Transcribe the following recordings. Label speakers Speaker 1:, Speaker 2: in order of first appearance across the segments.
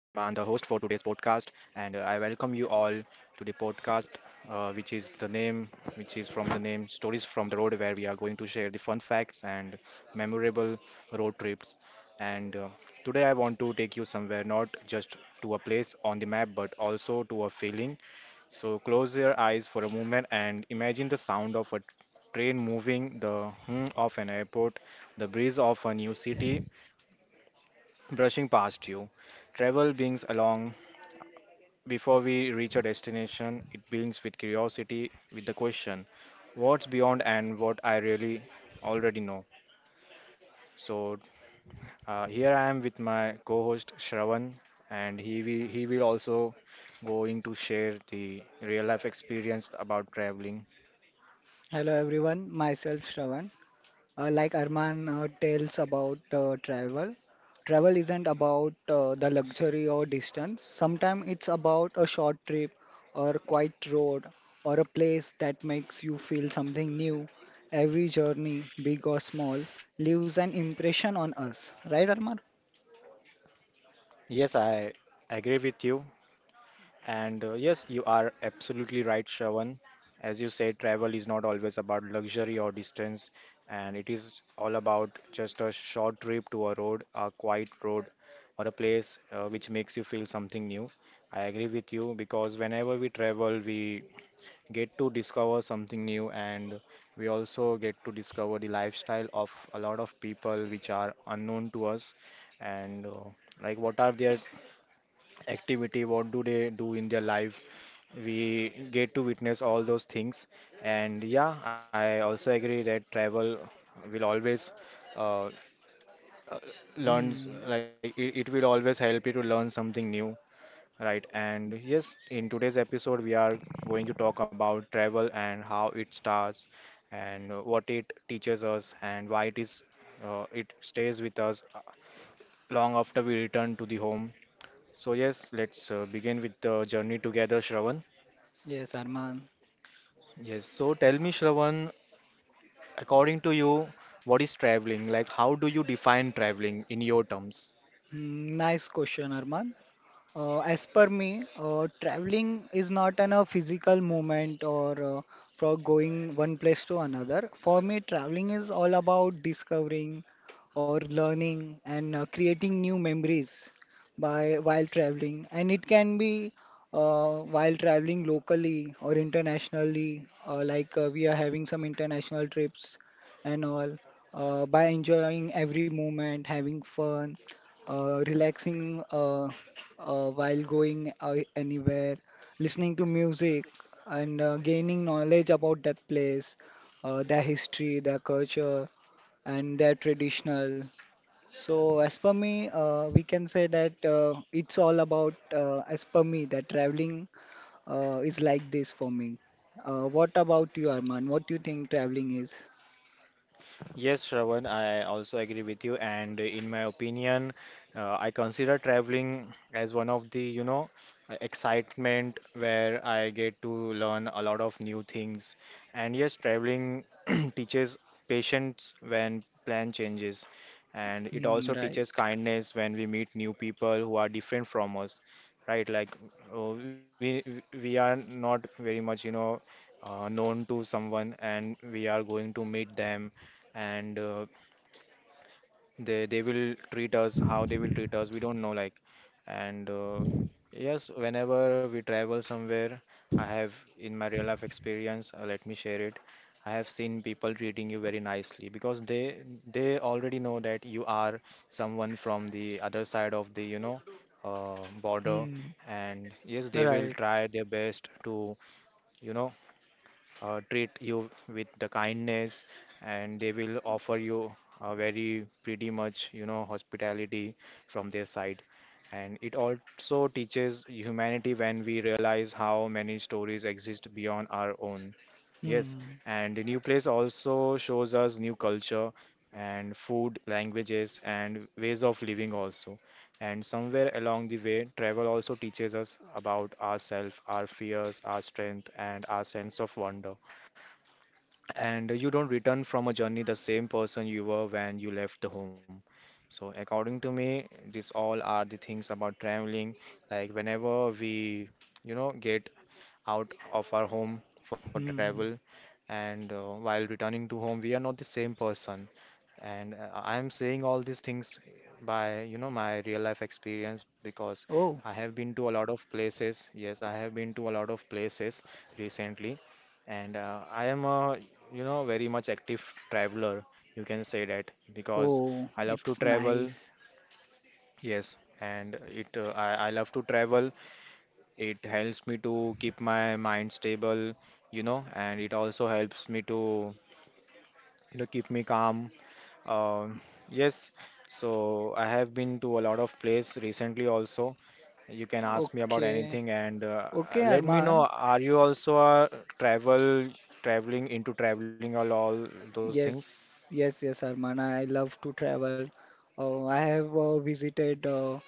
Speaker 1: and I welcome you all to the podcast, uh, which is the name, which is from the name Stories from the Road, where we are going to share the fun facts and memorable road trips. And Today I want to take you somewhere, not just to a place on the map, but also to a feeling. So close your eyes for a moment and imagine the sound of a train moving, the hum of an airport, the breeze of a new city brushing past you. Travel brings along before we reach our destination, it brings with curiosity, with the question, what's beyond and what I really already know. So here I am with my co-host Shravan, and he will also going to share the real life experience about traveling.
Speaker 2: Hello everyone, myself Shravan. Like Arman tells about travel, travel isn't about the luxury or distance. Sometimes it's about a short trip or a quiet road or a place that makes you feel something new. Every journey, big or small, leaves an impression on us. Right, Arman?
Speaker 1: Yes, I agree with you. And yes, you are absolutely right, Shravan. As you said, travel is not always about luxury or distance, and it is all about just a short trip to a road, a quiet road, or a place which makes you feel something new. I agree with you because whenever we travel, we get to discover something new, and we also get to discover the lifestyle of a lot of people which are unknown to us, and like what are their activity, what do they do in their life, we get to witness all those things. And yeah, I also agree that travel will always uh,
Speaker 2: Hmm.
Speaker 1: learn, like it will always help you to learn something new, right? And yes, in today's episode we are going to talk about travel and how it starts and what it teaches us and why it is, it stays with us long after we return to the home. So yes, let's begin with the journey together, Shravan.
Speaker 2: Yes, Arman.
Speaker 1: Yes. So tell me, Shravan, according to you, what is traveling? Like, how do you define traveling in your terms?
Speaker 2: Nice question, Arman. As per me, traveling is not a physical movement or for going one place to another. For me, traveling is all about discovering or learning and creating new memories by while traveling. And it can be while traveling locally or internationally, we are having some international trips and all, by enjoying every moment, having fun, relaxing, while going anywhere, listening to music, and gaining knowledge about that place, their history, their culture, and their traditional. So, as per me, we can say that, it's all about, as per me, that traveling is like this for me. What about you, Arman? What do you think traveling is?
Speaker 1: Yes, Shravan, I also agree with you. And in my opinion, I consider traveling as one of the, you know, excitement where I get to learn a lot of new things. And yes, traveling teaches patience when plan changes. And it
Speaker 2: Hmm,
Speaker 1: also
Speaker 2: right.
Speaker 1: teaches kindness when we meet new people who are different from us, right? Like uh, we are not very much, you know, known to someone, and we are going to meet them and uh, they will treat us, how they will treat us we don't know. Like, and yes, whenever we travel somewhere, I have in my real life experience, let me share it. I have seen people treating you very nicely because they already know that you are someone from the other side of the, you know, border.
Speaker 2: Hmm,
Speaker 1: And yes, they will
Speaker 2: right.
Speaker 1: try their best to, you know, treat you with the kindness, and they will offer you a very pretty much, you know, hospitality from their side. And it also teaches humanity when we realize how many stories exist beyond our own. Yes,
Speaker 2: Hmm,
Speaker 1: and the new place also shows us new culture and food, languages, and ways of living also. And somewhere along the way, travel also teaches us about ourselves, our fears, our strength, and our sense of wonder. And you don't return from a journey the same person you were when you left the home. So according to me, these all are the things about traveling. Like whenever we, you know, get out of our home for
Speaker 2: hmm.
Speaker 1: travel, and while returning to home, we are not the same person. And I am saying all these things by, you know, my real life experience because
Speaker 2: Oh,
Speaker 1: I have been to a lot of places. Yes, I have been to a lot of places recently, and I am a, you know, very much active traveler. You can say that because
Speaker 2: oh,
Speaker 1: I love to
Speaker 2: it's
Speaker 1: travel.
Speaker 2: nice.
Speaker 1: Yes, and I love to travel, it helps me to keep my mind stable, you know, and it also helps me to, you know, keep me calm. Um yes, so I have been to a lot of place recently also. You can ask me about
Speaker 2: Okay.
Speaker 1: anything, and
Speaker 2: Okay,
Speaker 1: let me know,
Speaker 2: Arman.
Speaker 1: are you also a travel traveling or all those things?
Speaker 2: Yes, yes, yes, Arman. I love to travel. I have visited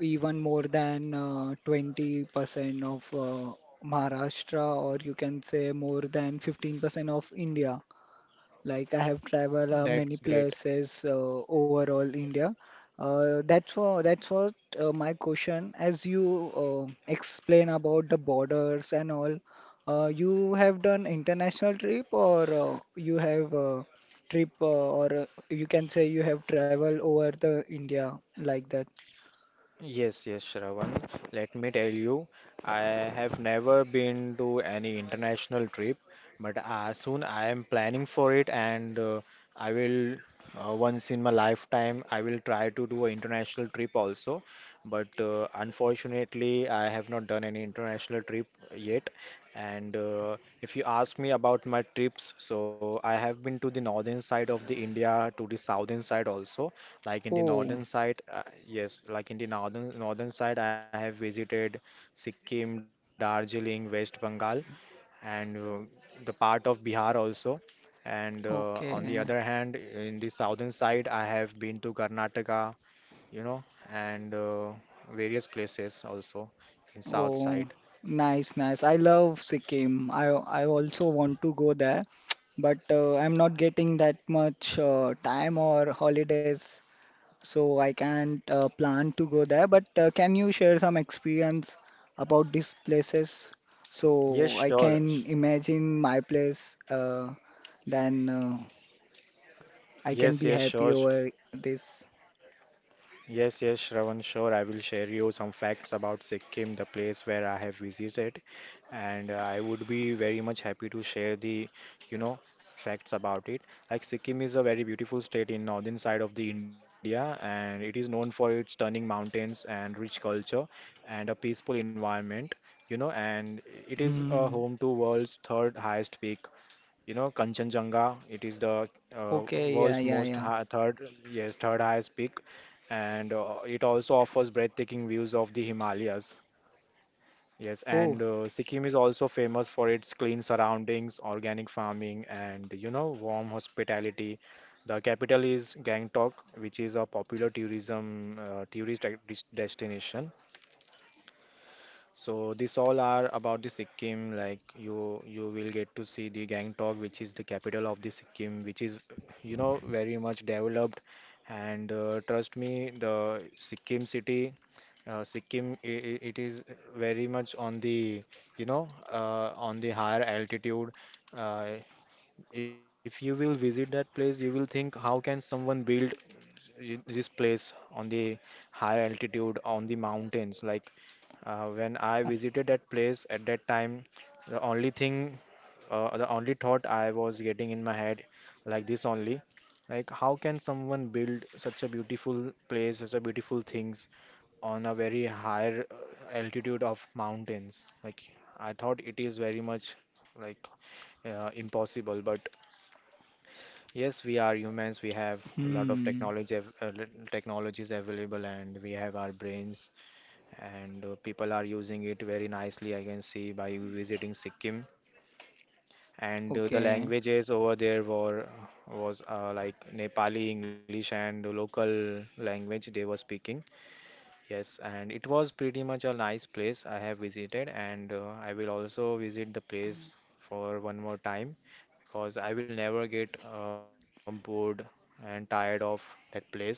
Speaker 2: even more than 20% of Maharashtra, or you can say more than 15% of India. Like I have traveled
Speaker 1: That's
Speaker 2: many
Speaker 1: great.
Speaker 2: places overall India. That's what my question. As you explain about the borders and all, you have done international trip or you have trip or you can say you have traveled over the India like that.
Speaker 1: Yes, yes, Shravan. Let me tell you, I have never been to any international trip, but soon I am planning for it, and I will once in my lifetime I will try to do an international trip also. But unfortunately, I have not done any international trip yet. And if you ask me about my trips, so I have been to the northern side of the India, to the southern side also. Like in the
Speaker 2: Oh,
Speaker 1: northern side, yes, like in the northern side, I have visited Sikkim, Darjeeling, West Bengal, and the part of Bihar also. And on the other
Speaker 2: okay.
Speaker 1: hand, in the southern side, I have been to Karnataka, you know, and various places also in south side.
Speaker 2: Oh, nice, nice. I love Sikkim. I also want to go there, but I'm not getting that much time or holidays, so I can't plan to go there. But can you share some experience about these places so
Speaker 1: Yes,
Speaker 2: I
Speaker 1: sure.
Speaker 2: can imagine my place, then I can
Speaker 1: Yes,
Speaker 2: be
Speaker 1: yes,
Speaker 2: happy
Speaker 1: sure.
Speaker 2: over this.
Speaker 1: Yes, yes, Shravan, sure. I will share you some facts about Sikkim, the place where I have visited, and I would be very much happy to share the, you know, facts about it. Like Sikkim is a very beautiful state in northern side of the India, and it is known for its stunning mountains and rich culture and a peaceful environment, you know, and it is a
Speaker 2: Hmm.
Speaker 1: home to world's third highest peak, you know, Kanchenjunga. It is the uh,
Speaker 2: Okay, yeah,
Speaker 1: world's
Speaker 2: yeah,
Speaker 1: most
Speaker 2: yeah.
Speaker 1: high, third, yes, third highest peak, and it also offers breathtaking views of the Himalayas. Yes,
Speaker 2: Oh,
Speaker 1: and Sikkim is also famous for its clean surroundings, organic farming, and you know, warm hospitality. The capital is Gangtok, which is a popular tourism tourist destination. So this all are about the Sikkim. Like you will get to see the Gangtok, which is the capital of the Sikkim, which is, you know, very much developed. And trust me, the Sikkim city, Sikkim, it is very much on the, you know, on the higher altitude. Uh, if you will visit that place, you will think, how can someone build this place on the higher altitude, on the mountains? Like when I visited that place at that time, the only thing, the only thought I was getting in my head, like this only, like how can someone build such a beautiful place, such a beautiful things on a very higher altitude of mountains? Like I thought it is very much like impossible, but yes, we are humans. We have a lot of
Speaker 2: hmm.
Speaker 1: technology, technologies available, and we have our brains. And people are using it very nicely. I can see by visiting Sikkim, and the
Speaker 2: Okay.
Speaker 1: languages over there were was like Nepali, English, and local language they were speaking. Yes, and it was pretty much a nice place I have visited, and I will also visit the place for one more time because I will never get bored and tired of that place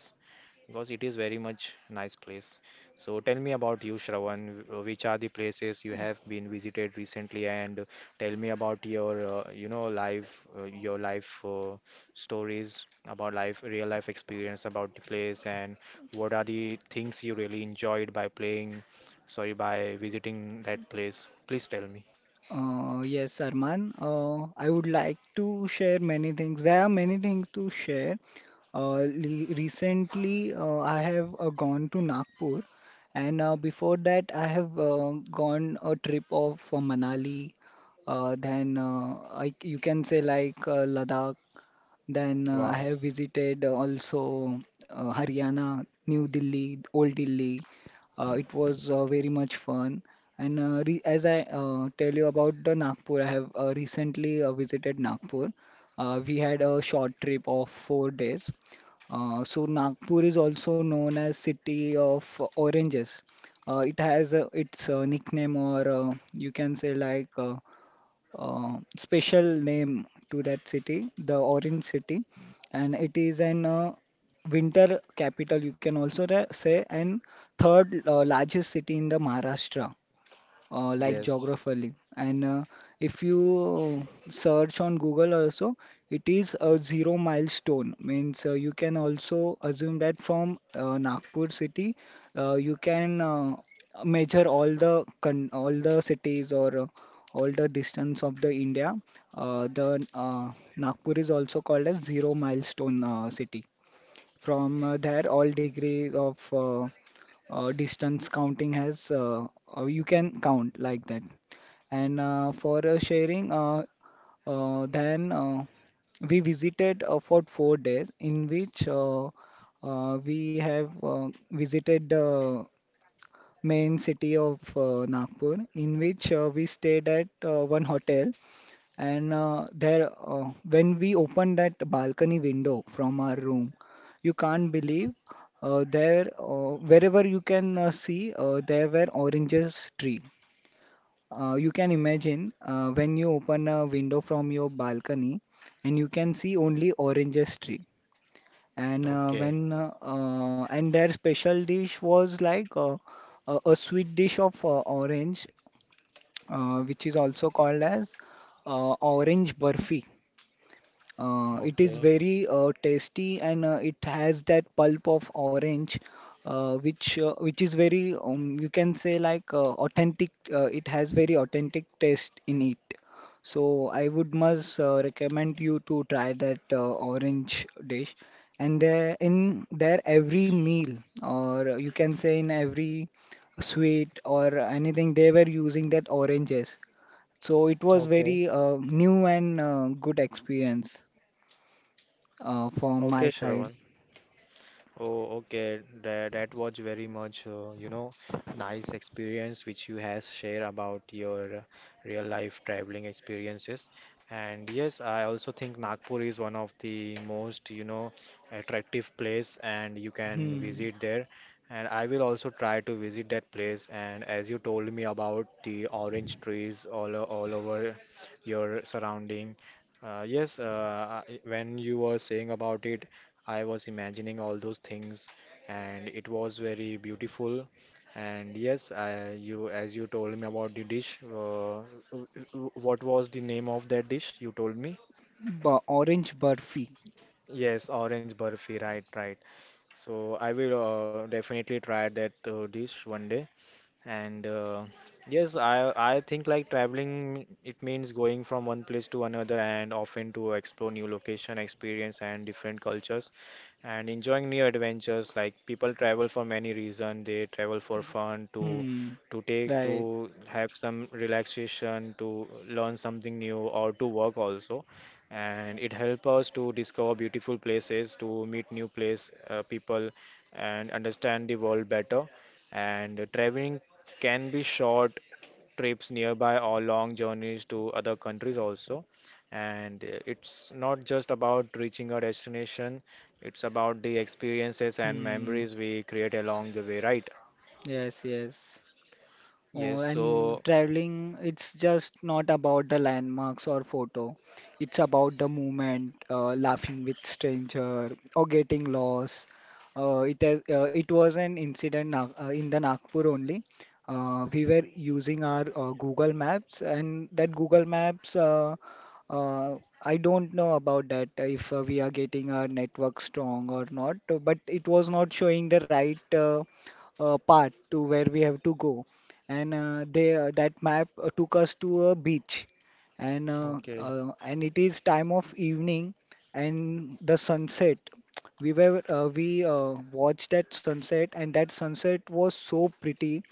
Speaker 1: because it is very much nice place. So tell me about you, Shravan. Which are the places you have been visited recently, and tell me about your, you know, life, your life stories about life, real life experience about the place, and what are the things you really enjoyed by playing, sorry, by visiting that place. Please tell me.
Speaker 2: Yes, Arman. I would like to share many things. There are many things to share. Recently, I have gone to Nagpur, and before that, I have gone a trip of Manali. Then I, you can say like Ladakh, then I
Speaker 1: Wow.
Speaker 2: have visited also Haryana, New Delhi, Old Delhi. It was very much fun. And re as I tell you about the Nagpur, I have recently visited Nagpur. We had a short trip of 4 days. So Nagpur is also known as City of Oranges. It has its nickname, or you can say like, special name to that city, the Orange City, and it is an winter capital, you can also say, and third largest city in the Maharashtra like
Speaker 1: Yes.
Speaker 2: geographically. And if you search on Google also, it is a zero milestone. Means you can also assume that from Nagpur city, you can measure all the con all the cities or all the distance of the India. The Nagpur is also called as zero milestone city. From there, all degrees of distance counting has, you can count like that. And for sharing, then we visited for 4 days, in which we have visited. Main city of Nagpur, in which we stayed at one hotel. And there, when we opened that balcony window from our room, you can't believe, there, wherever you can see, there were oranges tree. You can imagine when you open a window from your balcony and you can see only oranges tree. And uh,
Speaker 1: Okay,
Speaker 2: when uh, uh, and their special dish was like a sweet dish of orange, which is also called as orange burfi. It is
Speaker 1: okay.
Speaker 2: very tasty and it has that pulp of orange, which is very you can say like authentic. It has very authentic taste in it. So I would must recommend you to try that orange dish. And there in there every meal, or you can say in every sweet or anything, they were using that oranges. So it was
Speaker 1: Okay.
Speaker 2: very new and good experience from
Speaker 1: Okay,
Speaker 2: my side.
Speaker 1: Shravan. Oh, okay. That, that was very much, you know, nice experience which you has shared about your real life traveling experiences. And yes, I also think Nagpur is one of the most, you know, attractive place and you can
Speaker 2: Hmm.
Speaker 1: visit there. And I will also try to visit that place. And as you told me about the orange trees all, all over your surrounding, yes, when you were saying about it, I was imagining all those things, and it was very beautiful. And yes, you as you told me about the dish, w- what was the name of that dish you told me?
Speaker 2: Orange burfi.
Speaker 1: Yes, orange burfi, right, right. So I will definitely try that dish one day. And yes, I think like traveling it means going from one place to another and often to explore new location, experience and different cultures and enjoying new adventures. Like people travel for many reasons. They travel for fun,
Speaker 2: Hmm.
Speaker 1: to take
Speaker 2: Right.
Speaker 1: to have some relaxation, to learn something new, or to work also, and it helps us to discover beautiful places, to meet new place people, and understand the world better. And traveling can be short trips nearby or long journeys to other countries also. And it's not just about reaching a destination; it's about the experiences and
Speaker 2: Hmm.
Speaker 1: memories we create along the way, right?
Speaker 2: Yes, yes. Oh,
Speaker 1: Yes.
Speaker 2: and
Speaker 1: So,
Speaker 2: traveling, it's just not about the landmarks or photo. It's about the moment, laughing with stranger or getting lost. It was an incident in the Nagpur only. We were using our Google Maps, and that Google Maps, uh, I don't know about that if we are getting our network strong or not, but it was not showing the right path to where we have to go, and they that map took us to a beach, and uh,
Speaker 1: okay.
Speaker 2: uh, and it is time of evening and the sunset, we watched that sunset and that sunset was so pretty,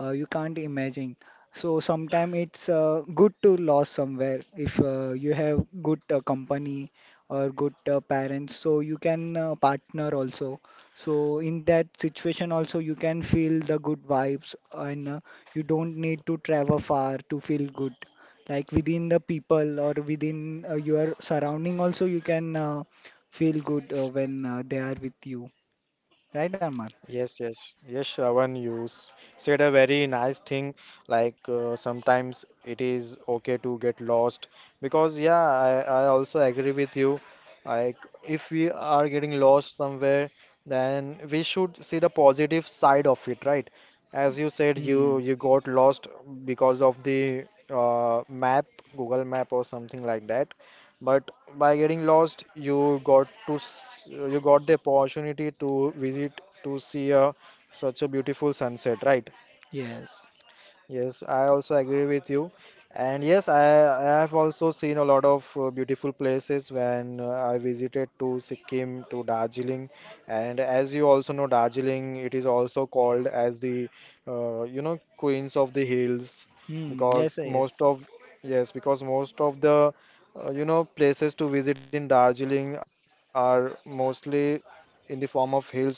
Speaker 2: you can't imagine. So sometimes it's good to lose somewhere if you have good company or good parents. So you can partner also. So in that situation also you can feel the good vibes and, you don't need to travel far to feel good. Like within the people or within your surrounding also you can feel good when they are with you. Right, Arman?
Speaker 1: Yes, yes, yes, Shravan, said a very nice thing. Like sometimes it is okay to get lost because, yeah, I also agree with you. Like, if we are getting lost somewhere, then we should see the positive side of it, right? As you said, you
Speaker 2: Hmm.
Speaker 1: you got lost because of the map, Google Map or something like that. But by getting lost, you got the opportunity to see such a beautiful sunset, right?
Speaker 2: Yes.
Speaker 1: Yes, I also agree with you. And yes, I have also seen a lot of beautiful places when I visited to Sikkim, to Darjeeling. And as you also know, Darjeeling, it is also called as the, you know, Queens of the Hills
Speaker 2: Hmm. Yes.
Speaker 1: because
Speaker 2: Yes.
Speaker 1: because most of the, you know, places to visit in Darjeeling are mostly in the form of hills only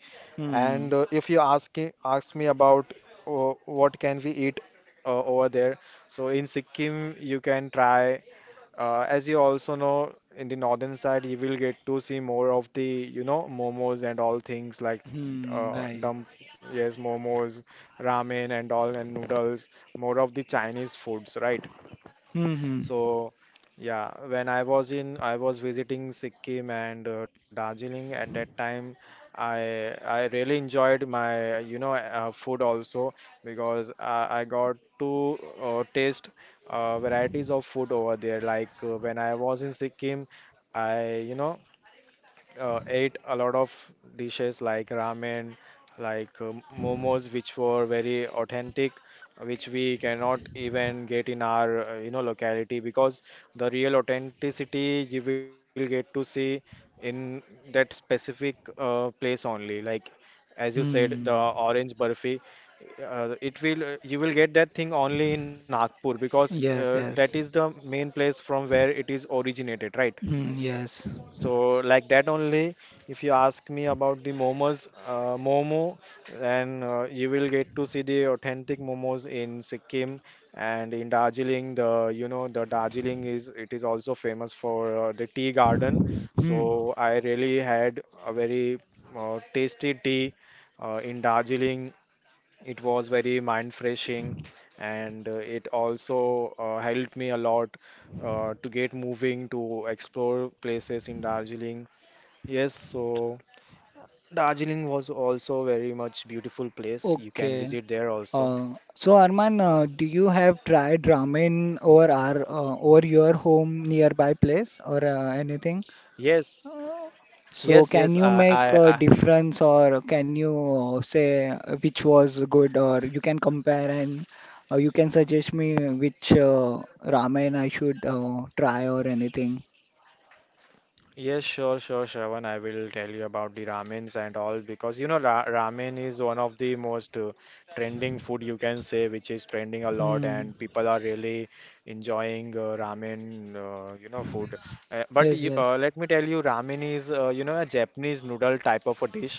Speaker 1: and if
Speaker 2: Hmm.
Speaker 1: you ask me about what can we eat over there, so in Sikkim you can try. As you also know, in the northern side you will get to see more of the you know momos and all things like
Speaker 2: Hmm. Right.
Speaker 1: dump yes momos, ramen and all and noodles, more of the Chinese foods, right?
Speaker 2: Hmm. Hmm.
Speaker 1: So yeah, when I was in, I was visiting Sikkim and Darjeeling at that time. I really enjoyed my you know food also because I got to taste varieties of food over there. Like when I was in Sikkim, I you know ate a lot of dishes like ramen, like momos, which were very authentic, which we cannot even get in our you know locality because the real authenticity you will get to see in that specific place only. Like as you said, the
Speaker 2: Hmm.
Speaker 1: orange burfi, it will you will get that thing only in Nagpur because
Speaker 2: Yes.
Speaker 1: that is
Speaker 2: Yes.
Speaker 1: the main place from where it is originated, right?
Speaker 2: Hmm. Yes.
Speaker 1: So like that only, if you ask me about the momos, then you will get to see the authentic momos in Sikkim and in Darjeeling. The you know the Darjeeling is it is also famous for the tea garden.
Speaker 2: Hmm.
Speaker 1: So I really had a very tasty tea in Darjeeling. It was very mind freshing and it also helped me a lot to get moving to explore places in Darjeeling. Yes, so Darjeeling was also very much beautiful place. You can
Speaker 2: Okay.
Speaker 1: visit there also.
Speaker 2: So Arman, do you have tried ramen over our, over your home nearby place or anything?
Speaker 1: Yes, yes,
Speaker 2: So
Speaker 1: yes.
Speaker 2: can you make a difference or can you say which was good or you can compare and you can suggest me which ramen I should try or anything?
Speaker 1: Yes, sure, sure, Shravan. I will tell you about the ramens and all because you know ra ramen is one of the most trending food you can say, which is trending a lot,
Speaker 2: Hmm.
Speaker 1: and people are really enjoying ramen, you know, food.
Speaker 2: Yes. Yes.
Speaker 1: Let me tell you, ramen is you know a Japanese noodle type of a dish,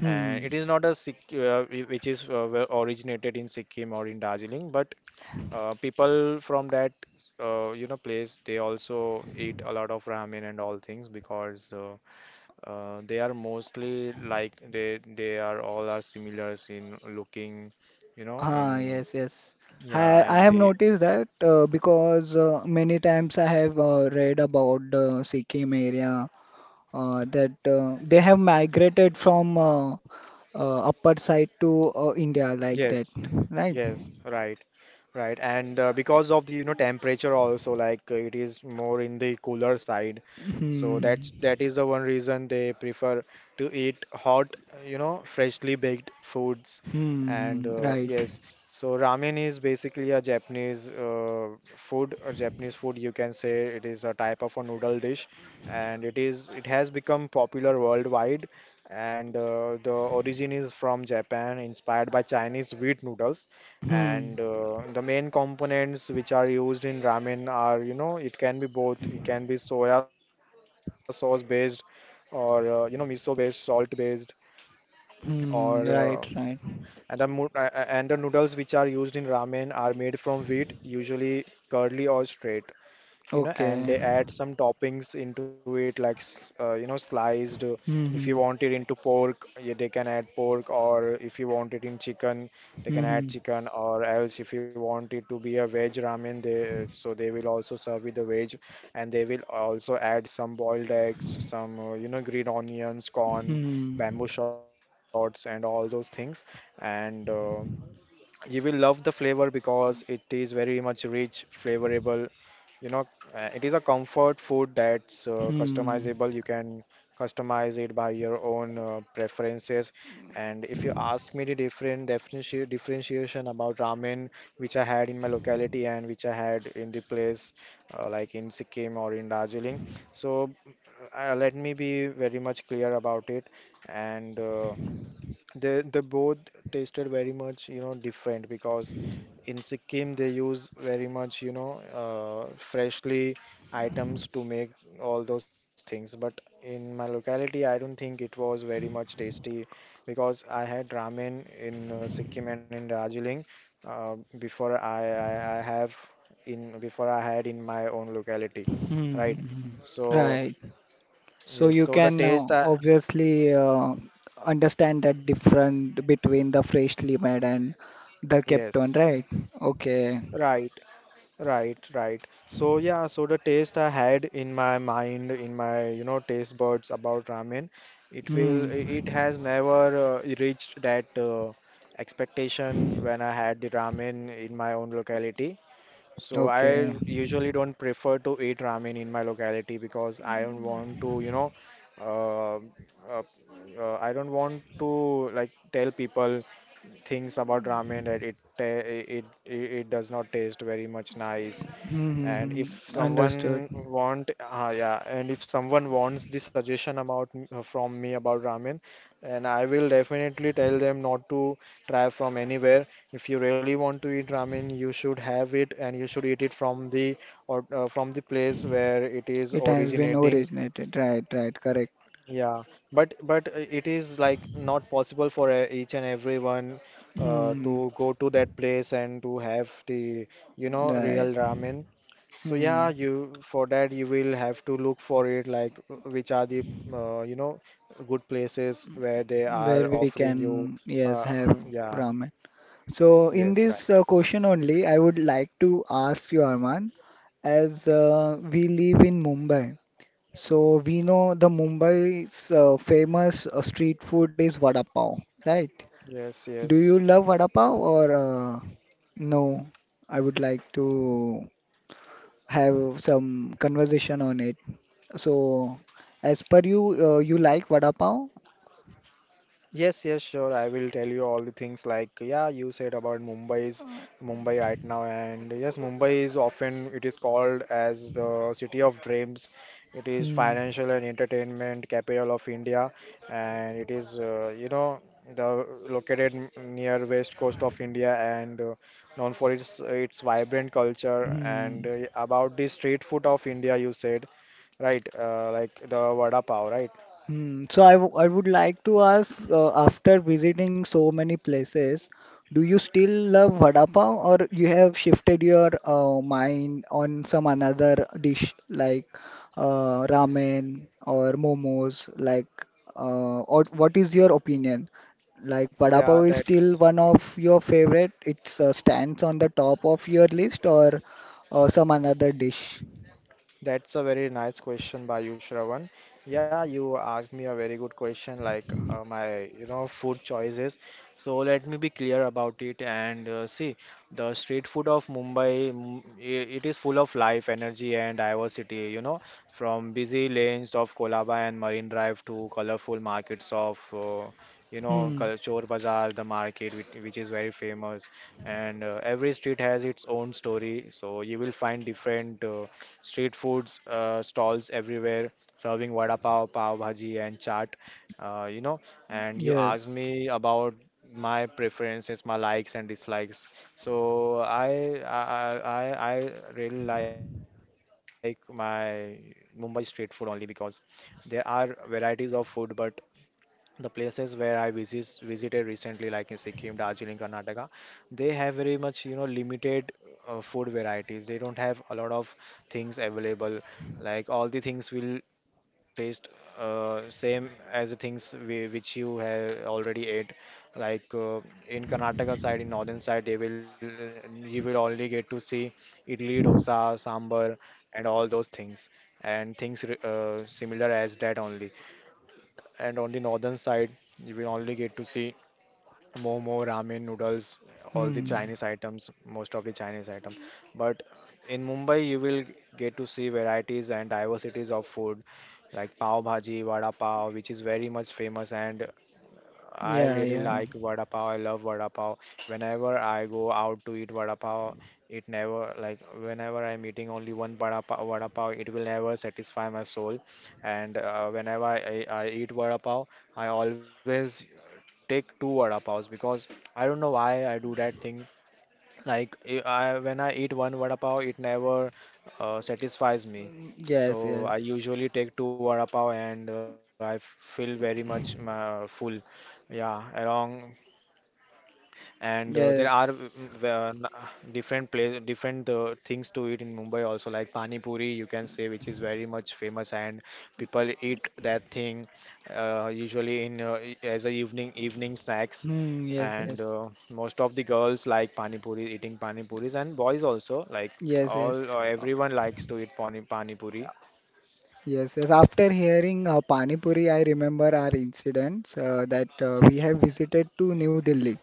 Speaker 2: Hmm.
Speaker 1: and it is not a which is were originated in Sikkim or in Darjeeling, but people from that you know place they also eat a lot of ramen and all things because they are mostly like they are all are similar in looking, you know,
Speaker 2: Ah,
Speaker 1: in
Speaker 2: yes, yes.
Speaker 1: yeah,
Speaker 2: I I
Speaker 1: and
Speaker 2: have
Speaker 1: they
Speaker 2: noticed that because many times I have read about the Sikkim area that they have migrated from upper side to India like that,
Speaker 1: yes.
Speaker 2: right?
Speaker 1: Yes, right, right, and because of the you know temperature also like it is more in the cooler side, so
Speaker 2: Hmm.
Speaker 1: that is the one reason they prefer to eat hot, you know, freshly baked foods, and
Speaker 2: Hmm. Right.
Speaker 1: yes, so ramen is basically a Japanese food or Japanese food you can say it is a type of a noodle dish, and it has become popular worldwide. And the origin is from Japan, inspired by Chinese wheat noodles
Speaker 2: Hmm.
Speaker 1: and the main components which are used in ramen are you know it can be both it can be soya sauce based or you know miso based salt based or uh,
Speaker 2: Hmm. Right. Right.
Speaker 1: and the mo- and the noodles which are used in ramen are made from wheat usually curly or straight you know and
Speaker 2: Okay.
Speaker 1: they add some toppings into it like you know sliced if you
Speaker 2: Hmm.
Speaker 1: want it into pork, yeah, they can add pork or if you want it in chicken they
Speaker 2: Hmm.
Speaker 1: can
Speaker 2: Hmm.
Speaker 1: add
Speaker 2: Hmm.
Speaker 1: chicken or else if you want it to be a veg ramen they so they will also serve with the veg and they will also add some boiled eggs, some you know green onions, corn,
Speaker 2: Hmm.
Speaker 1: bamboo shoots and all those things and you will love the flavor because it is very much rich, flavorable. You know, it is a comfort food that's
Speaker 2: Hmm. Hmm.
Speaker 1: customizable. You can customize it by your own preferences. And if you ask me the differentiation about ramen, which I had in my locality and which I had in the place like in Sikkim or in Darjeeling, so let me be very much clear about it. And they both tasted very much, you know, different because in Sikkim they use very much, you know, freshly items to make all those things. But in my locality, I don't think it was very much tasty because I had ramen in Sikkim and in Darjeeling uh, before I, I I have before I had in my own locality,
Speaker 2: Hmm.
Speaker 1: right?
Speaker 2: Hmm.
Speaker 1: So
Speaker 2: Right. So
Speaker 1: yes,
Speaker 2: you
Speaker 1: so the
Speaker 2: can
Speaker 1: taste, I,
Speaker 2: obviously understand that difference between the freshly made and the kept one,
Speaker 1: yes.
Speaker 2: right? Okay.
Speaker 1: Right. Right, right. So yeah, so the taste I had in my mind, in my you know taste buds about ramen,
Speaker 2: Hmm.
Speaker 1: it has never reached that expectation when I had the ramen in my own locality. So
Speaker 2: Okay.
Speaker 1: I usually don't prefer to eat ramen in my locality because I don't want to you know uh, uh, I don't want to like tell people things about ramen that it ta- it it does not taste very much nice
Speaker 2: Hmm, hmm,
Speaker 1: and if
Speaker 2: hmm. Understood.
Speaker 1: someone want, yeah, and if someone wants the suggestion about from me about ramen, and I will definitely tell them not to try from anywhere. If you really want to eat ramen, you should have it, and you should eat it from the or from the place where it is
Speaker 2: It has been
Speaker 1: originating.
Speaker 2: originated. Right. Right. Correct.
Speaker 1: Yeah, but it is like not possible for each and everyone to
Speaker 2: Hmm.
Speaker 1: go to that place and to have the you know
Speaker 2: Right.
Speaker 1: real ramen. So
Speaker 2: Hmm.
Speaker 1: yeah, you for that you will have to look for it like which are the you know good places where they are
Speaker 2: Where we
Speaker 1: offering you
Speaker 2: can, yes,
Speaker 1: uh,
Speaker 2: have
Speaker 1: yeah,
Speaker 2: ramen. So in
Speaker 1: yes,
Speaker 2: this
Speaker 1: right,
Speaker 2: question only, I would like to ask you, Arman, as we live in Mumbai. So we know the Mumbai's famous street food is vada pav, right?
Speaker 1: yes,
Speaker 2: Do you
Speaker 1: yes.
Speaker 2: love vada pav or no? I would like to have some conversation on it. So, as per you, you like vada pav?
Speaker 1: Yes, yes, sure. I will tell you all the things like yeah, you said about Mumbai right now, and yes, Mumbai is often it is called as the city of dreams. It is
Speaker 2: Hmm.
Speaker 1: financial and entertainment capital of India, and it is you know the near west coast of India and known for its vibrant culture.
Speaker 2: Hmm.
Speaker 1: And about the street food of India, you said right, like the vada pav, right?
Speaker 2: Hmm, so I, I would like to ask, after visiting so many places, do you still love vada pav or you have shifted your mind on some another dish like ramen or momos? Like, or what is your opinion? Like, vada
Speaker 1: Yeah,
Speaker 2: pav is still
Speaker 1: that's.
Speaker 2: one of your favorite. It stands on the top of your list or some another dish?
Speaker 1: That's a very nice question by you, Shravan. Yeah, you asked me a very good question, like my, you know, food choices. So let me be clear about it. And see, the street food of Mumbai, it is full of life, energy, and diversity. You know, from busy lanes of Kolaba and Marine Drive to colorful markets of, you know,
Speaker 2: Hmm.
Speaker 1: Chor Bazaar, the market which is very famous and every street has its own story so you will find different street foods stalls everywhere serving vada pav, pav bhaji and chaat, you know, and you asked
Speaker 2: Yes.
Speaker 1: me about my preferences, my likes and dislikes, so i i i, I I really like my mumbai street food only because there are varieties of food but the places where I visited recently, like in Sikkim, Darjeeling, Karnataka, they have very much, you know, limited food varieties. They don't have a lot of things available. Like all the things will taste same as the things which you have already ate. Like in Karnataka side, in northern side, they will you will only get to see idli, dosa, sambar, and all those things, and things similar as that only and on the northern side, you will only get to see momo, ramen, noodles, all the
Speaker 2: Hmm.
Speaker 1: Chinese items, most of the Chinese item. But in Mumbai, you will get to see varieties and diversities of food like pav bhaji, vada pav, which is very much famous and I
Speaker 2: Yeah.
Speaker 1: really
Speaker 2: Yeah.
Speaker 1: like vada pav. I love vada pav. Whenever I go out to eat vada pav, it never like whenever I'm eating only one vada pav, it will never satisfy my soul. And Whenever I eat vada pav, I always take two vada pavs because I don't know why I do that thing. Like when I eat one vada pav, it never satisfies me.
Speaker 2: Yes,
Speaker 1: So I
Speaker 2: yes,
Speaker 1: usually take two vada pav and I feel very much full. Yeah, along and there are mm, mm,
Speaker 2: yes.
Speaker 1: n- different place different things to eat in mumbai also like pani puri, you can say, which is very much famous and people eat that thing usually as a evening snacks
Speaker 2: Hmm, yes,
Speaker 1: and
Speaker 2: yes,
Speaker 1: most of the girls like pani puri, eating pani puris, and boys also like
Speaker 2: yes, yes.
Speaker 1: all
Speaker 2: Uh,
Speaker 1: everyone likes to eat pani puri.
Speaker 2: Yes yes. After hearing Pani Puri, I remember our incidents that we have visited to New Delhi.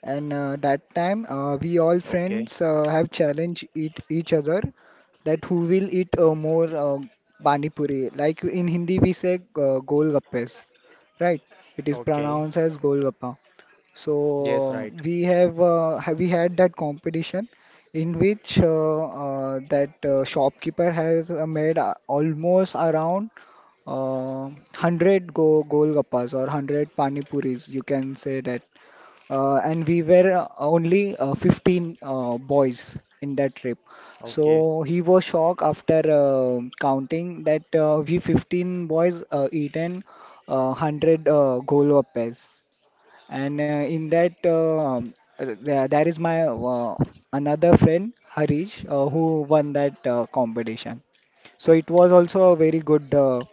Speaker 2: And that time,
Speaker 1: Okay.
Speaker 2: we all friends have challenged each other that who will eat more pani puri. Like in Hindi, we say golgappes, right? It is
Speaker 1: Okay.
Speaker 2: pronounced as golgappa.
Speaker 1: Yes, right.
Speaker 2: So we have, we had that competition in which that shopkeeper has made almost around uh, 100 go golgappas or 100 pani puris, you can say that, and we were only 15 boys in that trip.
Speaker 1: Okay.
Speaker 2: So he was shocked after counting that we 15 boys eaten 100 golgappas. And in that, there, there is my another friend, Harish, who won that competition. So it was also a very good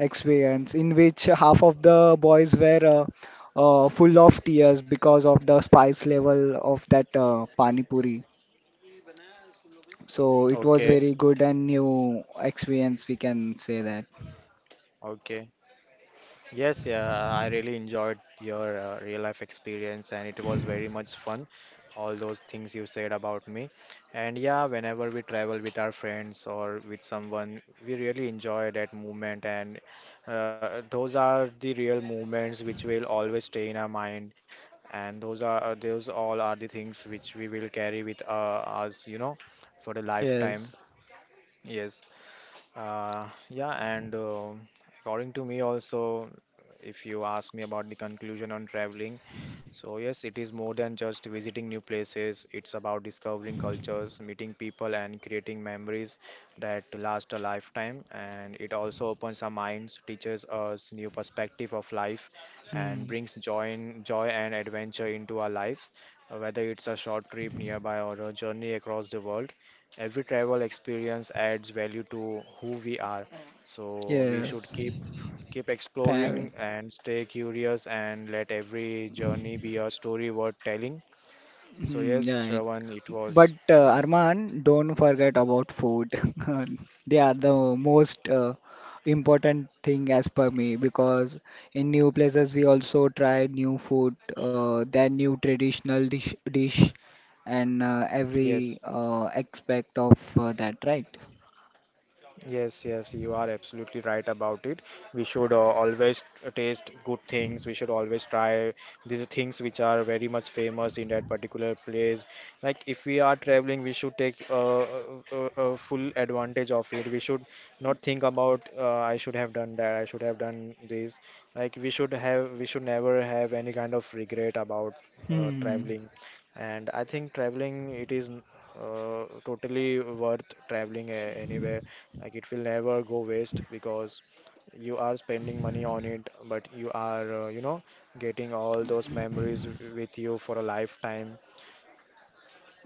Speaker 2: experience in which half of the boys were full of tears because of the spice level of that pani puri. So it was
Speaker 1: Okay.
Speaker 2: very good and new experience, we can say that.
Speaker 1: Okay. Yes, yeah, I really enjoyed your real life experience and it was very much fun. All those things you said about me. And yeah, whenever we travel with our friends or with someone, we really enjoy that moment. And those are the real moments which will always stay in our mind. And those all are the things which we will carry with us, you know, for the lifetime.
Speaker 2: Yes.
Speaker 1: Yes. Yeah, and according to me also, if you ask me about the conclusion on traveling, so, yes, it is more than just visiting new places. It's about discovering cultures, meeting people, and creating memories that last a lifetime. And it also opens our minds, teaches us new perspective of life, and
Speaker 2: Hmm.
Speaker 1: brings joy and adventure into our lives. Whether it's a short trip nearby or a journey across the world, every travel experience adds value to who we are. So, we should
Speaker 2: Yes.
Speaker 1: Keep exploring
Speaker 2: Tiring.
Speaker 1: and stay curious and let every journey be a story worth telling. So
Speaker 2: Hmm.
Speaker 1: yes,
Speaker 2: Yeah,
Speaker 1: Shravan, it
Speaker 2: but
Speaker 1: was like
Speaker 2: Arman, don't forget about food. They are the most important thing as per me because in new places we also try new food, then new traditional dish and
Speaker 1: yes.
Speaker 2: every aspect of that, right?
Speaker 1: Yes, yes, you are absolutely right about it. We should always taste good things. We should always try these things which are very much famous in that particular place. Like if we are traveling, we should take full advantage of it. We should not think about I should have done that. I should have done this. Like we should never have any kind of regret about
Speaker 2: Hmm.
Speaker 1: traveling. And I think traveling, it is. Totally worth traveling anywhere, like it will never go waste because you are spending money on it, but you know, getting all those memories with you for a lifetime.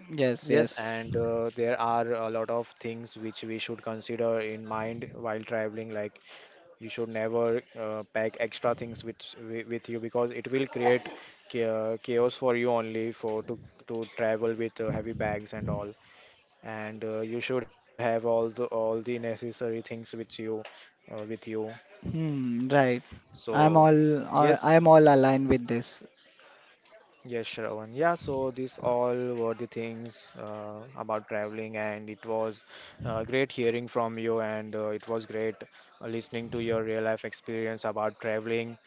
Speaker 2: Yes,
Speaker 1: Yes,
Speaker 2: yes.
Speaker 1: and there are a lot of things which we should consider in mind while traveling. Like you should never pack extra things with you because it will create chaos for you only for to travel with heavy bags and all and you should have all the necessary things with you.
Speaker 2: Hmm, right. I'm all
Speaker 1: So
Speaker 2: I
Speaker 1: yes.
Speaker 2: am all aligned with this.
Speaker 1: Yes, Shravan, yeah, so these all were the things about traveling and it was great hearing from you and it was great listening to your real life experience about traveling.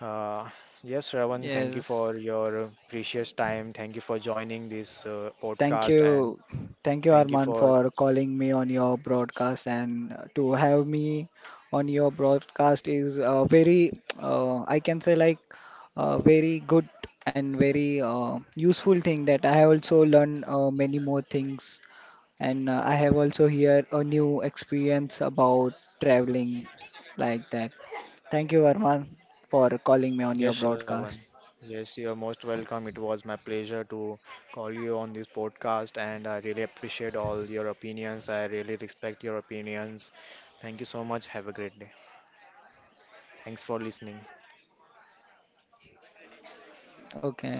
Speaker 1: uh, yes, Shravan, thank you
Speaker 2: Yes.
Speaker 1: for your precious time. Thank you for joining this
Speaker 2: Thank
Speaker 1: podcast and
Speaker 2: you. Thank you,
Speaker 1: thank you
Speaker 2: Arman,
Speaker 1: for.
Speaker 2: for calling me on your broadcast and to have me on your broadcast is very, I can say like very good and very useful thing that I have also learned many more things and I have also here a new experience about traveling like that. Thank you, Arman, for calling me on
Speaker 1: Yes,
Speaker 2: your
Speaker 1: Shravan.
Speaker 2: broadcast.
Speaker 1: Yes, you're most welcome. It was my pleasure to call you on this podcast, and I really appreciate all your opinions. I really respect your opinions. Thank you so much. Have a great day. Thanks for listening.
Speaker 2: Okay.